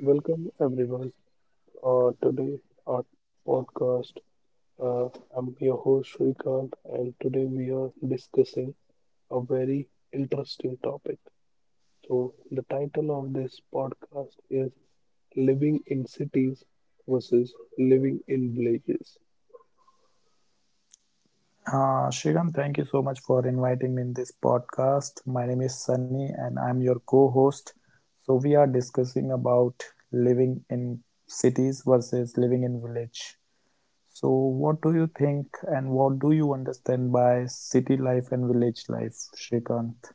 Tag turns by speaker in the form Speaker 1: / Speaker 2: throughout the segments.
Speaker 1: Welcome everyone. Today our podcast. Uh, I'm your host Shrikant, and today we are discussing a very interesting topic. So the title of this podcast is "Living in Cities versus Living in Villages."
Speaker 2: Sriram, thank you so much for inviting me in this podcast. My name is Sunny and I'm your co-host. So we are discussing about living in cities versus living in village. So what do you think and what do you understand by city life and village life, Shrikant?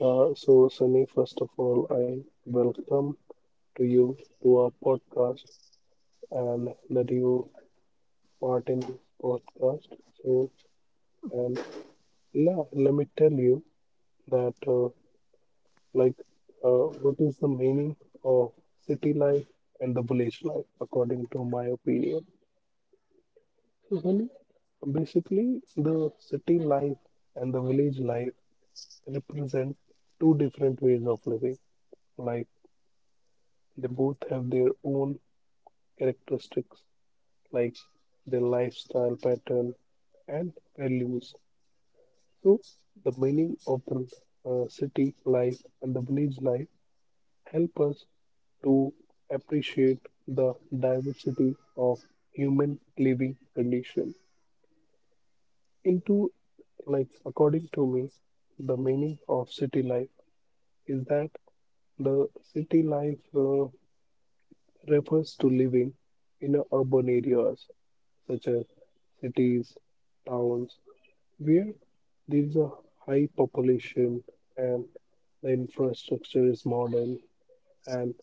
Speaker 1: So Sunny, first of all, I welcome to you to our podcast and that you part in this podcast. So and yeah, let me tell you that like what is the meaning of city life and the village life according to my opinion. So really, basically the city life and the village life represent two different ways of living, like they both have their own characteristics, like their lifestyle pattern and values. So the meaning of the city life and the village life help us to appreciate the diversity of human living condition. Into, like according to me, the meaning of city life is that the city life refers to living in a urban areas such as cities, towns, where there is a high population and the infrastructure is modern, and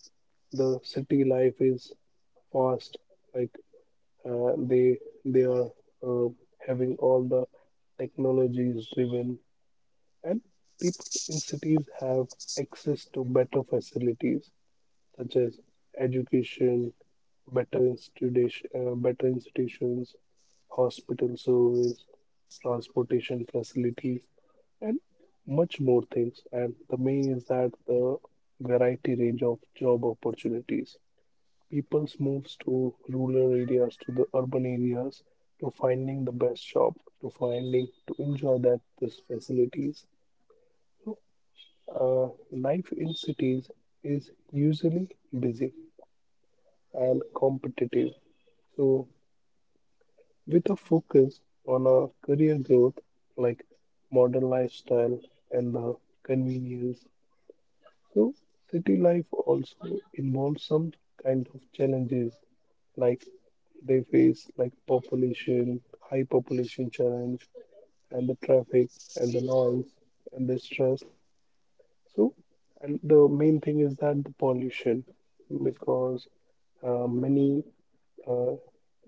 Speaker 1: the city life is fast, like uh, they they are uh, having all the technologies driven, and people in cities have access to better facilities such as education, better institutions, hospital service, transportation facilities, and much more things. And the main is that the variety range of job opportunities. People moves to rural areas to the urban areas to finding the best job, to finding to enjoy that these facilities. Life in cities is usually busy and competitive. So with a focus on a career growth, like modern lifestyle and the convenience. So city life also involves some kind of challenges, like they face like population, high population challenge, and the traffic and the noise and the stress. So, and the main thing is that the pollution, because many uh,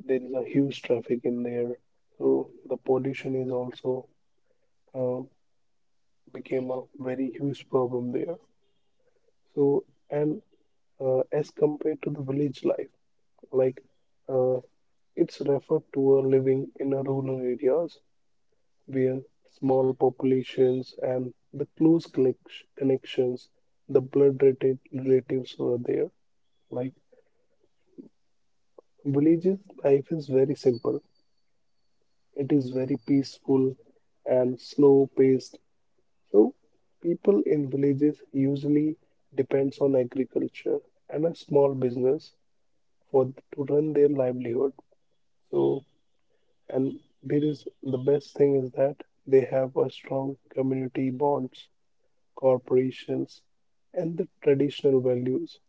Speaker 1: there is a huge traffic in there. So the pollution is also uh, became a very huge problem there. So, and as compared to the village life, like uh, it's referred to a living in a rural areas where small populations and the close connections, the blood related relatives were there. Like villages life is very simple. It is very peaceful and slow paced. So people in villages usually depends on agriculture and a small business for to run their livelihood. So, and there is the best thing is that they have a strong community bonds, corporations, and the traditional values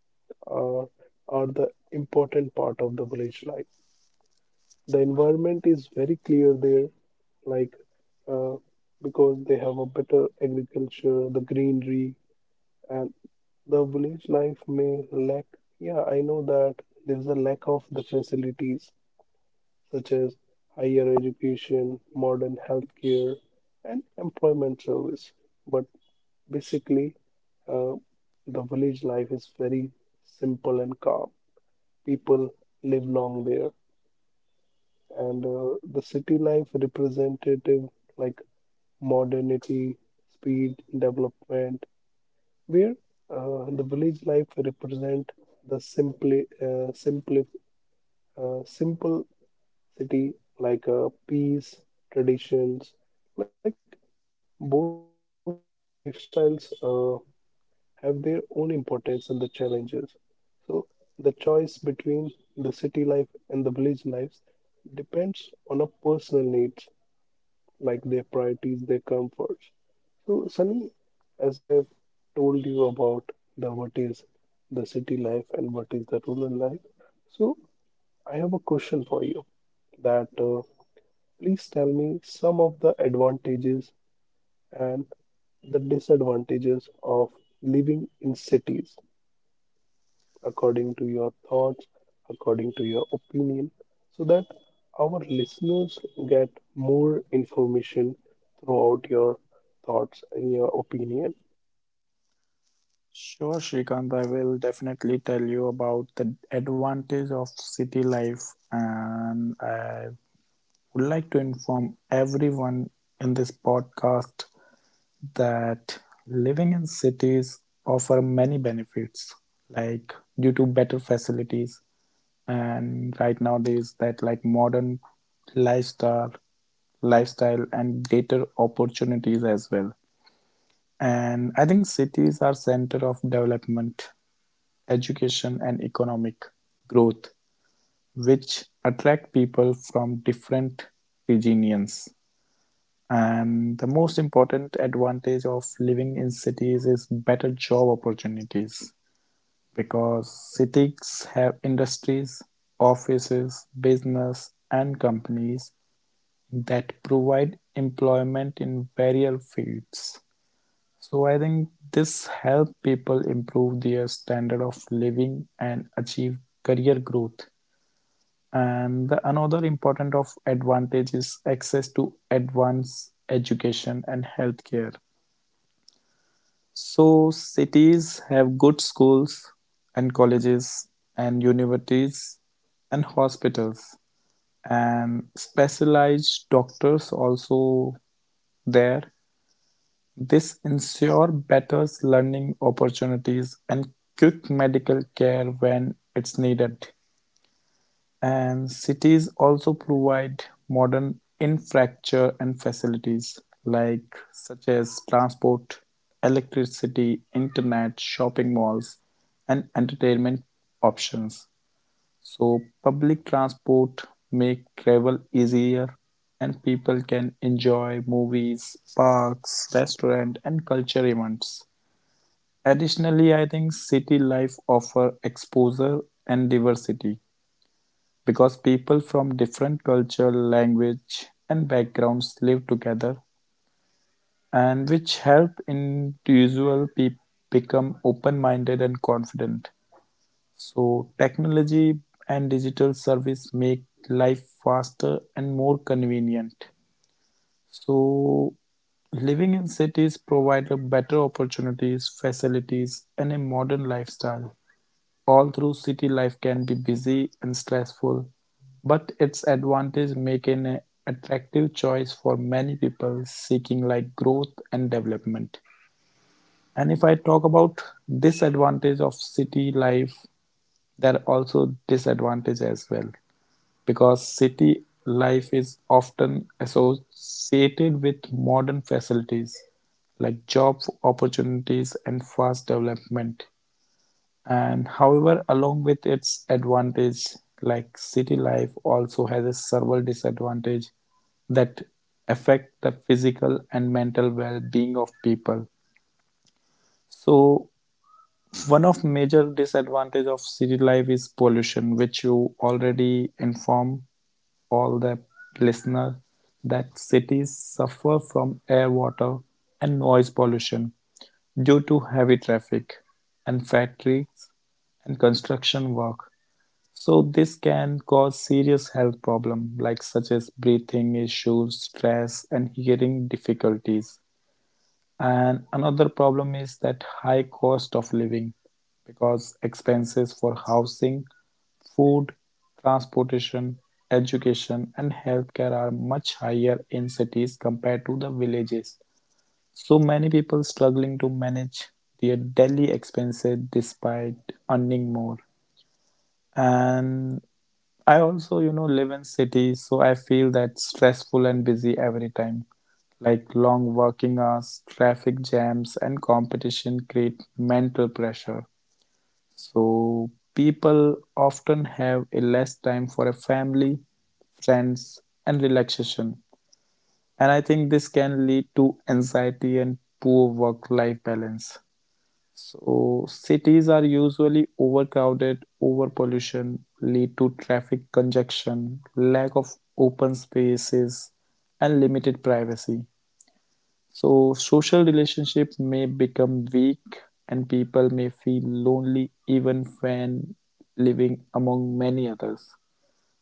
Speaker 1: are are the important part of the village life. The environment is very clear there, like uh, because they have a better agriculture, the greenery, and the village life may lack. Yeah, I know that there is a lack of the facilities such as higher education, modern healthcare, and employment service. But basically, uh, the village life is very simple and calm. People live long there. And the city life representative like modernity, speed, development, where the village life represent the simply simple city like peace, traditions, like both lifestyles have their own importance and the challenges. So the choice between the city life and the village lives depends on a personal needs, like their priorities, their comforts. So, Sunny, as I've told you about the what is the city life and what is the rural life, so I have a question for you that please tell me some of the advantages and the disadvantages of living in cities according to your thoughts, according to your opinion, so that our listeners get more information throughout your thoughts and your opinion.
Speaker 2: Sure, Shrikant, I will definitely tell you about the advantage of city life, and I would like to inform everyone in this podcast that living in cities offer many benefits, like due to better facilities and right nowadays that like modern lifestyle lifestyle and greater opportunities as well. And I think cities are center of development, education and economic growth, which attract people from different regions. And the most important advantage of living in cities is better job opportunities because cities have industries, offices, business, and companies that provide employment in various fields. So I think this helps people improve their standard of living and achieve career growth. And the another important of advantage is access to advanced education and healthcare. So cities have good schools and colleges and universities and hospitals and specialized doctors also there. This ensure better learning opportunities and quick medical care when it's needed. And cities also provide modern infrastructure and facilities, like such as transport, electricity, internet, shopping malls, and entertainment options. So public transport make travel easier and people can enjoy movies, parks, restaurant and culture events. Additionally, I think city life offer exposure and diversity because people from different culture, language and backgrounds live together and which help individual people become open-minded and confident. So technology and digital service make life faster and more convenient. So living in cities provide a better opportunities, facilities and a modern lifestyle. All through city life can be busy and stressful, but its advantage make it an attractive choice for many people seeking like growth and development. And if I talk about disadvantage of city life, there are also disadvantages as well, because city life is often associated with modern facilities like job opportunities and fast development, and however along with its advantage, like city life also has a several disadvantage that affect the physical and mental well-being of people. So one of major disadvantage of city life is pollution, which you already inform all the listener that cities suffer from air, water and noise pollution due to heavy traffic and factories and construction work. So this can cause serious health problems like such as breathing issues, stress and hearing difficulties. And another problem is that high cost of living, because expenses for housing, food, transportation, education, and healthcare are much higher in cities compared to the villages. So many people struggling to manage their daily expenses despite earning more. And I also, you know, live in cities, so I feel that stressful and busy every time, like long working hours, traffic jams and competition create mental pressure. So people often have a less time for a family, friends and relaxation, and I think this can lead to anxiety and poor work life balance. So cities are usually overcrowded, overpollution lead to traffic congestion, lack of open spaces, and limited privacy. So social relationships may become weak and people may feel lonely even when living among many others.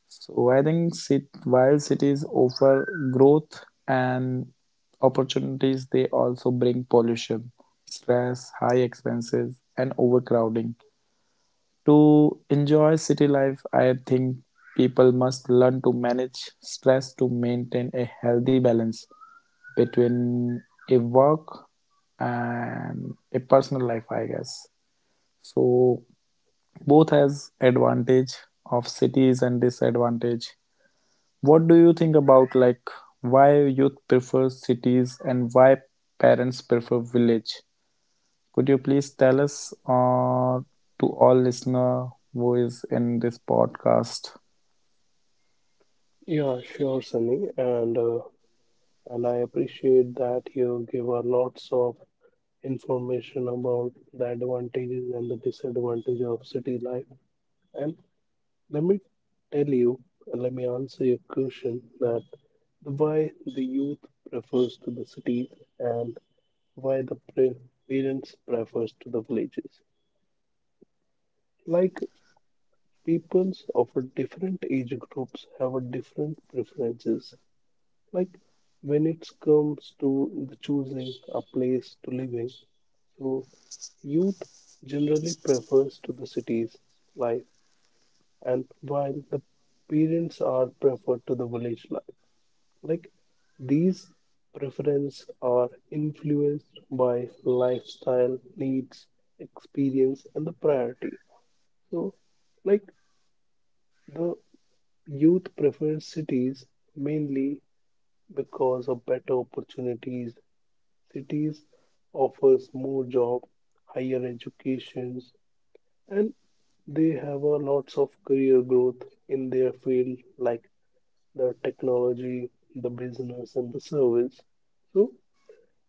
Speaker 2: So I think while cities offer growth and opportunities, they also bring pollution, stress, high expenses, and overcrowding. To enjoy city life, I think people must learn to manage stress to maintain a healthy balance between a work and a personal life, I guess. So both has advantage of cities and disadvantage. What do you think about like why youth prefer cities and why parents prefer village? Could you please tell us to all listener who is in this podcast?
Speaker 1: Yeah, sure, Sunny, and I appreciate that you give us lots of information about the advantages and the disadvantages of city life. And let me tell you, and let me answer your question that the why the youth prefers to the cities and why the parents prefers to the villages. Like peoples of a different age groups have a different preferences. Like when it comes to the choosing a place to live in, so youth generally prefers to the cities life, and while the parents are preferred to the village life. Like these preferences are influenced by lifestyle, needs, experience, and the priority. So, like the youth prefers cities mainly because of better opportunities. Cities offers more job, higher educations, and they have a lots of career growth in their field like the technology, the business, and the service. So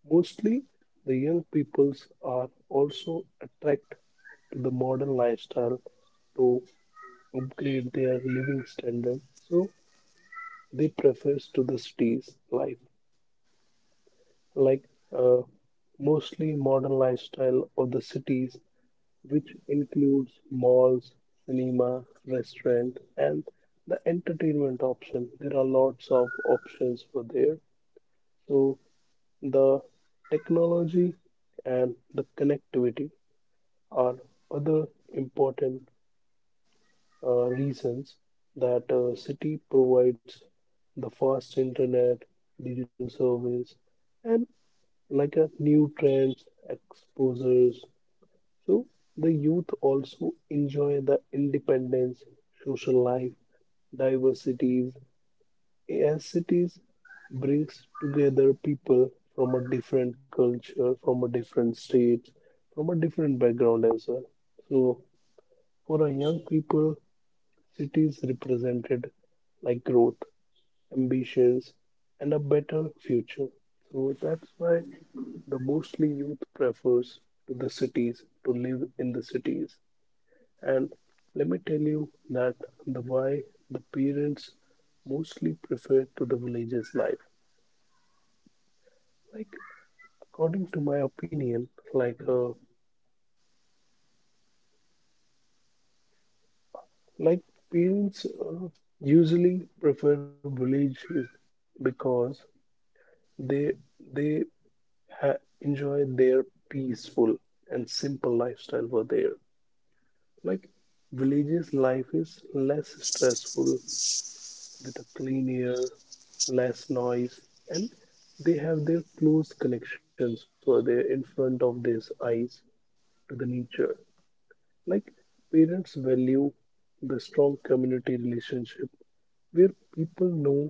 Speaker 1: mostly, the young peoples are also attracted to the modern lifestyle to upgrade their living standard, so they prefer to the cities life, like uh, mostly modern lifestyle of the cities, which includes malls, cinema, restaurant, and the entertainment option. There are lots of options for there. So the technology and the connectivity are other important reasons that a city provides the fast internet, digital service, and like a new trends, exposures. So the youth also enjoy the independence, social life, diversities. As cities brings together people from a different culture, from a different state, from a different background as well. So for a young people, cities represented like growth, ambitions, and a better future. So that's why the mostly youth prefers to the cities to live in the cities. And let me tell you that the why the parents mostly prefer to the villages life. Like according to my opinion, like parents usually prefer villages because They they ha enjoy their peaceful and simple lifestyle over there. Like villages life is less stressful with a clean air, less noise, and they have their close connections over there in front of their eyes to the nature. Like parents value the strong community relationship where people know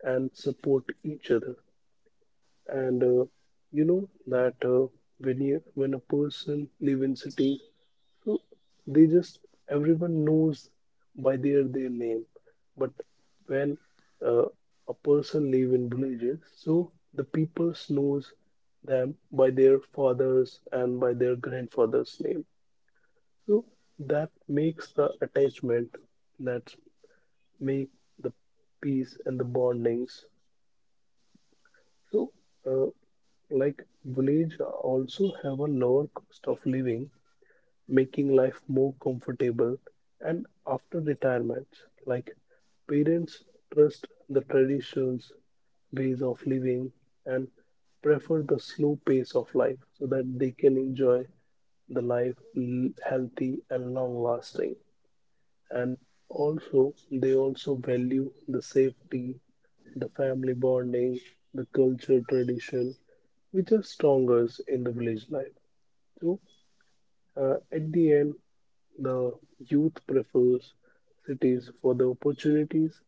Speaker 1: and support each other. And you know that when a person live in city, so they just everyone knows by their name, but when uh, a person live in villages so the people knows them by their fathers and by their grandfather's name, so that makes the attachment, that make the peace and the bondings. So, uh, like village also have a lower cost of living, making life more comfortable. And after retirement, like parents trust the traditions, ways of living, and prefer the slow pace of life so that they can enjoy the life healthy and long lasting, and also they also value the safety, the family bonding, the culture tradition, which are stronger in the village life. So at the end, the youth prefers cities for the opportunities,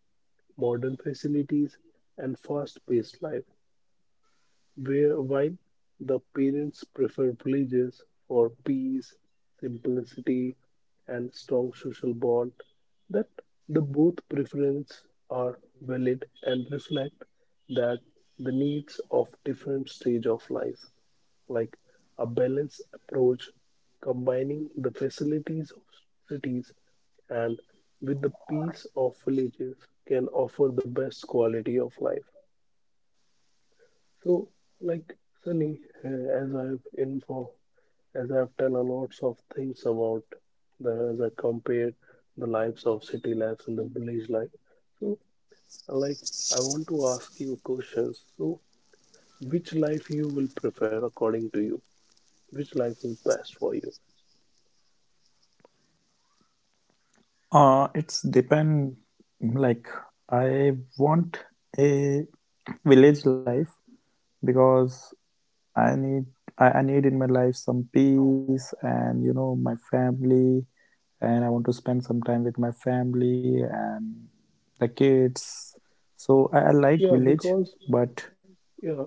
Speaker 1: modern facilities, and fast paced life, where while the parents prefer villages for peace, simplicity, and strong social bond, that the both preferences are valid and reflect that the needs of different stage of life, like a balanced approach combining the facilities of cities and with the peace of villages can offer the best quality of life. So, like Sunny, as I've done a lots of things about the as I compared the lives of city lives and the village life. So, like I want to ask you questions. So, which life you will prefer according to you? Which life is best for you?
Speaker 2: It's depend, like I want a village life because I need I need in my life some peace and you know my family and I want to spend some time with my family and the kids. So I like
Speaker 1: Yeah,
Speaker 2: village,
Speaker 1: because
Speaker 2: but
Speaker 1: yeah,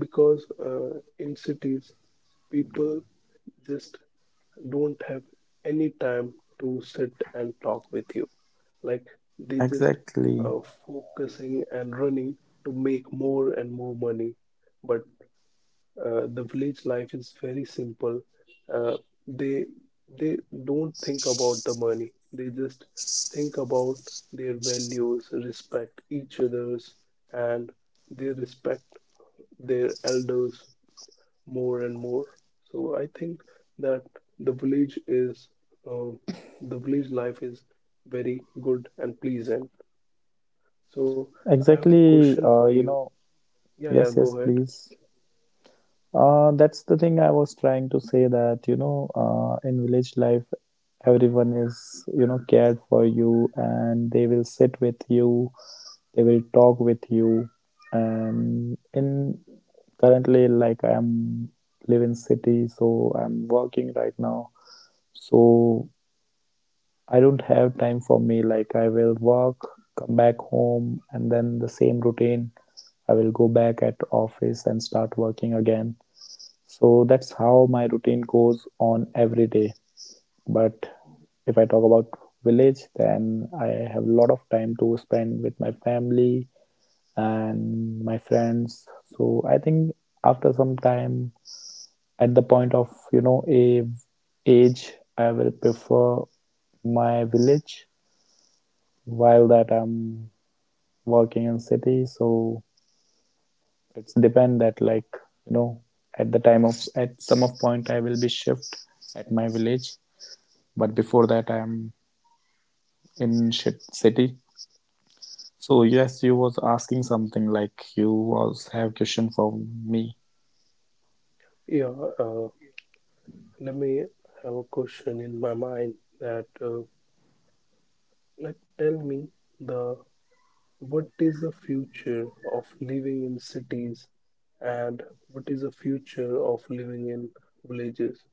Speaker 1: because in cities people just don't have any time to sit and talk with you, like they just
Speaker 2: exactly,
Speaker 1: uh, focusing and running to make more and more money, but the village life is very simple. uh, they they don't think about the money, they just think about their values, respect each others, and they respect their elders more and more. So I think that the village is uh, the village life is very good and pleasant. So I have a
Speaker 2: exactly,
Speaker 1: question for
Speaker 2: you
Speaker 1: you.
Speaker 2: know,
Speaker 1: Yeah,
Speaker 2: yes,
Speaker 1: yeah,
Speaker 2: yes,
Speaker 1: go ahead.
Speaker 2: please. That's the thing I was trying to say that, you know, in village life, everyone is you know cared for you and they will sit with you, they will talk with you, and in currently like I'm live in city, so I'm working right now. So I don't have time for me, like I will work, come back home and then the same routine, I will go back at office and start working again. So that's how my routine goes on every day. But if I talk about village, then I have a lot of time to spend with my family and my friends. So I think after some time, at the point of you know a age, I will prefer my village. While that I'm working in city, so it's depend that like you know at the time of at some of point I will be shift at my village, but before that I'm in shit city. So yes, you was asking something like you was have question for me.
Speaker 1: Yeah, uh, let me have a question in my mind that like tell me the what is the future of living in cities and what is the future of living in villages?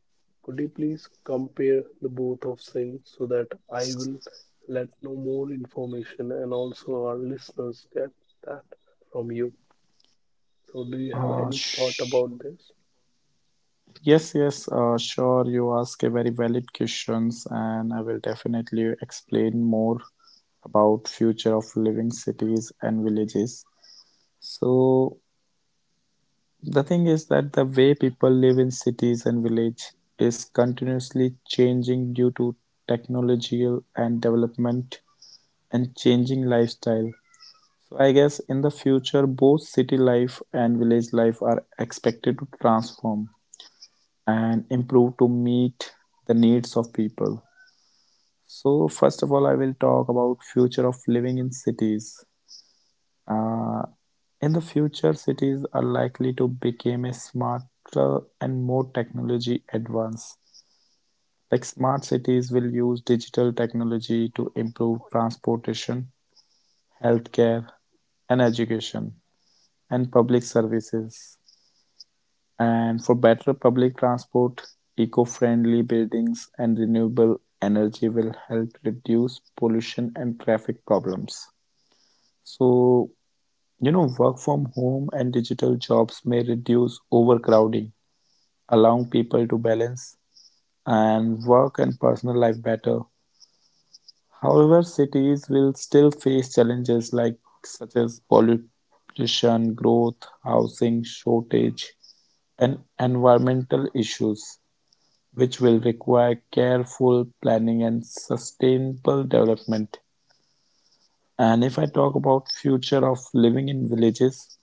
Speaker 1: Could you please compare the both of things so that I will let know more information and also our listeners get that from you? So, do you have
Speaker 2: Uh,
Speaker 1: any thought
Speaker 2: sh-
Speaker 1: about this?
Speaker 2: yes, yes, sure. You ask a very valid questions, and I will definitely explain more about future of living cities and villages. So the thing is that the way people live in cities and village is continuously changing due to technological and development and changing lifestyle. So I guess in the future, both city life and village life are expected to transform and improve to meet the needs of people. So first of all, I will talk about future of living in cities. Uh, in the future, cities are likely to become a smarter and more technology advanced. Like smart cities will use digital technology to improve transportation, healthcare, and education and public services. And for better public transport, eco-friendly buildings and renewable energy will help reduce pollution and traffic problems. So, you know, work from home and digital jobs may reduce overcrowding, allowing people to balance and work and personal life better. However, cities will still face challenges like such as pollution, growth, housing shortage, and environmental issues, which will require careful planning and sustainable development. And if I talk about future of living in villages,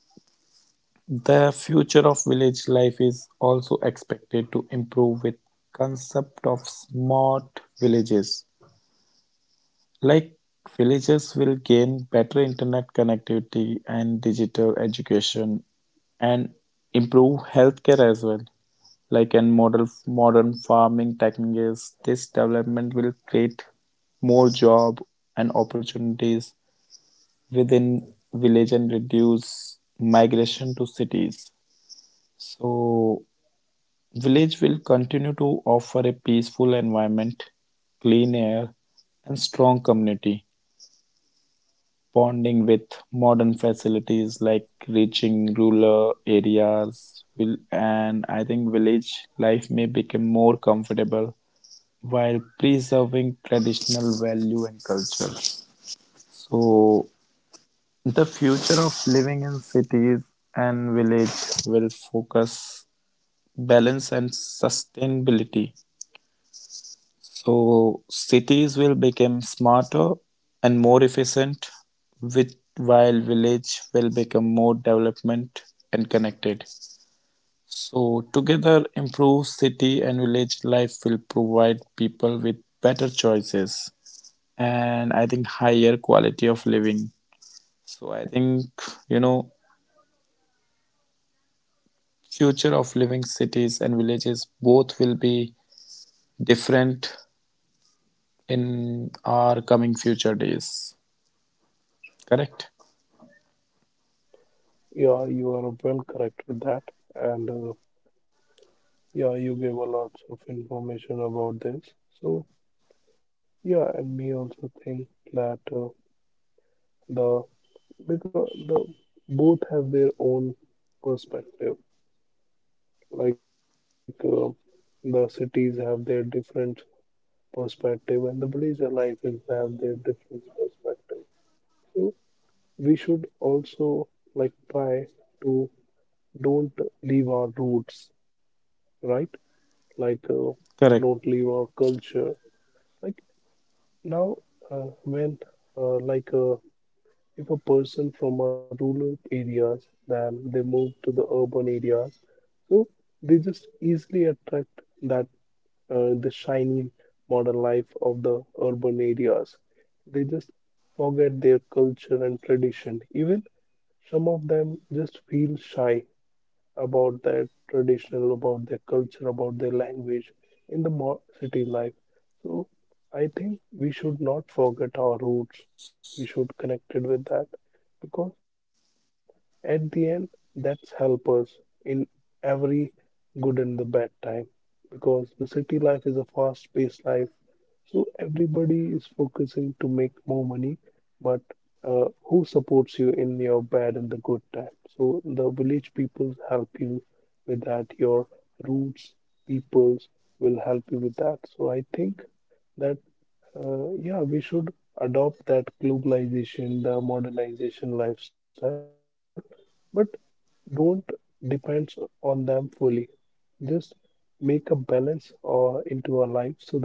Speaker 2: the future of village life is also expected to improve with concept of smart villages. Like villages will gain better internet connectivity and digital education and improve healthcare as well, like in model modern farming techniques. This development will create more job and opportunities within village and reduce migration to cities. So village will continue to offer a peaceful environment, clean air, and strong community bonding with modern facilities like reaching rural areas will, and I think village life may become more comfortable while preserving traditional value and culture. So, the future of living in cities and village will focus balance and sustainability. So, cities will become smarter and more efficient, with while village will become more development and connected. So, together, improved city and village life will provide people with better choices and I think higher quality of living. So I think you know future of living cities and villages both will be different in our coming future days. Correct?
Speaker 1: Yeah, you are well correct with that. And yeah, you gave a lot of information about this. So, yeah, and me also think that the because the both have their own perspective, like the cities have their different perspective and the villager life is have their different perspective, so we should also like try to don't leave our roots, right, like don't
Speaker 2: Correct.
Speaker 1: leave our culture, like now uh, when like if a person from a rural areas, then they move to the urban areas, so they just easily attract that the shiny modern life of the urban areas. They just forget their culture and tradition. Even some of them just feel shy about their traditional, about their culture, about their language in the city life. So I think we should not forget our roots. We should connect it with that because at the end, that's help us in every good and the bad time, because the city life is a fast-paced life. So everybody is focusing to make more money, but who supports you in your bad and the good times. So the village people help you with that. Your roots peoples will help you with that. So I think that yeah, we should adopt that globalization, the modernization lifestyle, but don't depend on them fully. Just make a balance or into our life so that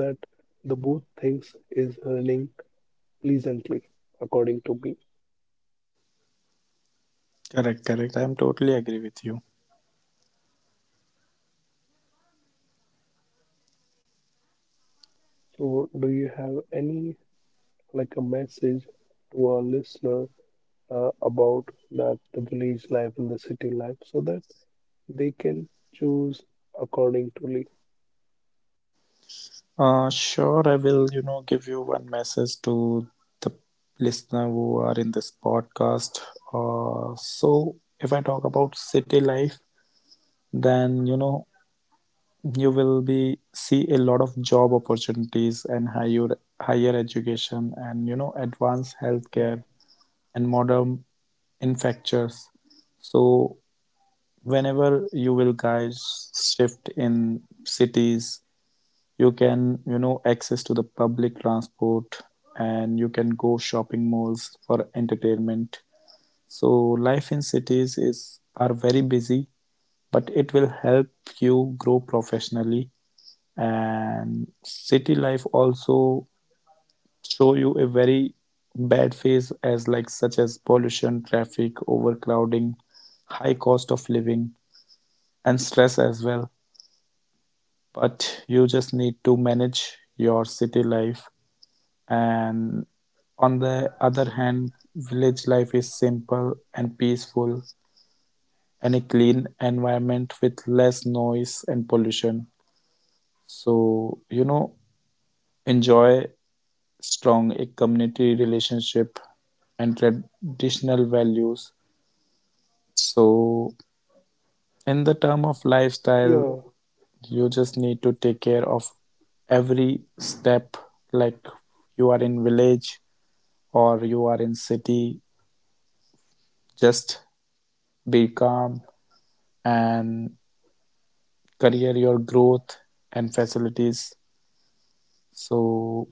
Speaker 1: the both things is running pleasantly, according to me.
Speaker 2: Correct. Correct. I am totally agree with you.
Speaker 1: So, do you have any like a message to our listener about that the village life and the city life so that they can choose according to
Speaker 2: Sure, I will, you know, give you one message to the listener who are in this podcast. So, if I talk about city life, then, you know, you will be see a lot of job opportunities and higher education and you know advanced healthcare
Speaker 1: yeah,
Speaker 2: and modern infrastructures. So whenever you will guys shift in cities, you can you know access to the public transport and you can go shopping malls for entertainment. So life in cities is are very busy, but it will help you grow professionally. And city life also show you a very bad phase as like such as pollution, traffic, overcrowding, high cost of living and stress as well, but you just need to manage your city life. And on the other hand, village life is simple and peaceful and a clean environment with less noise and pollution. So you know enjoy strong a community relationship and traditional values. So in the term of lifestyle,
Speaker 1: yeah,
Speaker 2: you just need to take care of every step. Like you are in village or you are in city, just be calm and career your growth and facilities. So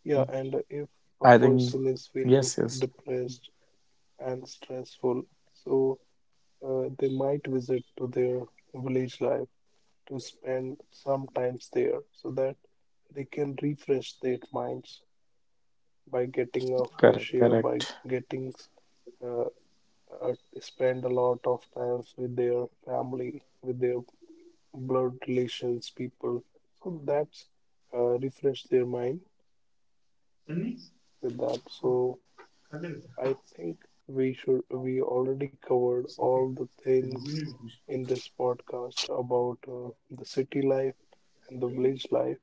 Speaker 1: yeah, and if a
Speaker 2: I think,
Speaker 1: person is feeling
Speaker 2: yes, yes,
Speaker 1: depressed and stressful, so they might visit to their village life to spend some times there so that they can refresh their minds by getting a fresh
Speaker 2: correct,
Speaker 1: air by
Speaker 2: correct.
Speaker 1: getting uh, uh, spend a lot of times with their family, with their blood relations, people. So that's refresh their mind with that. So I think we should we already covered all the things in this podcast about the city life and the village life.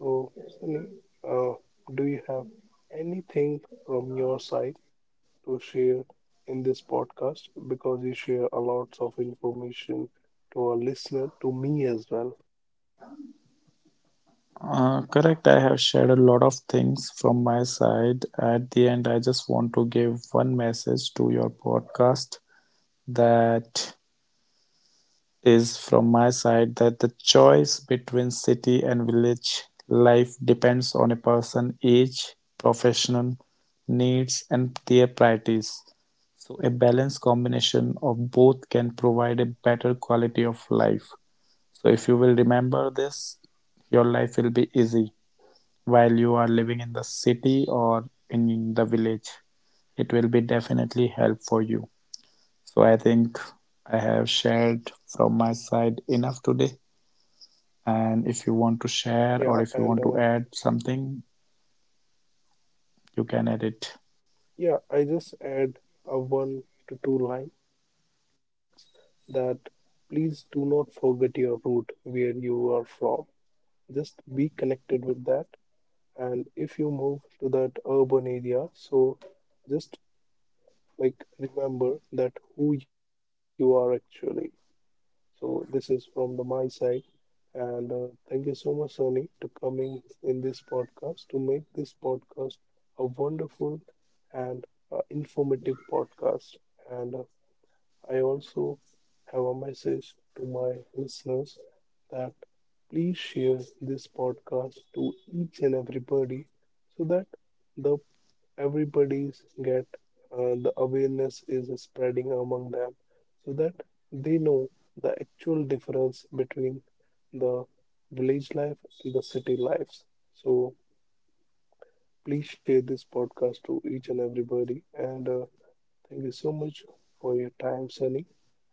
Speaker 1: So Sunny, uh, do you have anything from your side to share in this podcast because you share a lot of information to our listener, to me as well.
Speaker 2: Correct. I have shared a lot of things from my side. At the end, I just want to give one message to your podcast that is from my side, that the choice between city and village life depends on a person's age, professional needs, and their priorities. So, a balanced combination of both can provide a better quality of life. So, if you will remember this, your life will be easy while you are living in the city or in the village. It will be definitely help for you. So I think I have shared from my side enough today. And if you want to share
Speaker 1: Yeah,
Speaker 2: or if you
Speaker 1: and
Speaker 2: want to add something, you can add it.
Speaker 1: yeah, I just add a one to two lines that please do not forget your root where you are from. Just be connected with that. And if you move to that urban area, so just like remember that who you are actually. So this is from the my side. And thank you so much, Sunny, to coming in this podcast to make this podcast a wonderful and informative podcast. And I also have a message to my listeners that please share this podcast to each and everybody so that the everybody's get the awareness is spreading among them so that they know the actual difference between the village life and the city lives. So please share this podcast to each and everybody, and thank you so much for your time Sunny,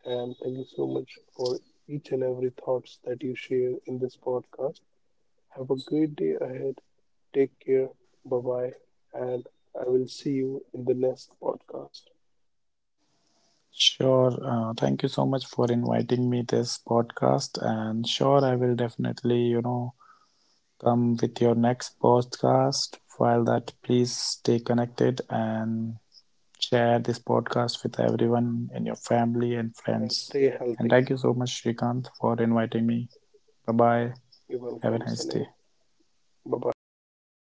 Speaker 1: and thank you so much for each and every thoughts that you share in this podcast. Have a great day ahead. Take care. Bye bye. And I will see you in the next podcast.
Speaker 2: Sure. Thank you so much for inviting me this podcast. And sure, I will definitely, you know, come with your next podcast. While that, please stay connected and share this podcast with everyone in your family and
Speaker 1: And
Speaker 2: friends.
Speaker 1: stay
Speaker 2: And
Speaker 1: healthy.
Speaker 2: thank you so much, Shrikant, for inviting me. Bye bye.
Speaker 1: You're
Speaker 2: Have a
Speaker 1: welcome,
Speaker 2: nice
Speaker 1: Sunny.
Speaker 2: day.
Speaker 1: Bye bye. Take care.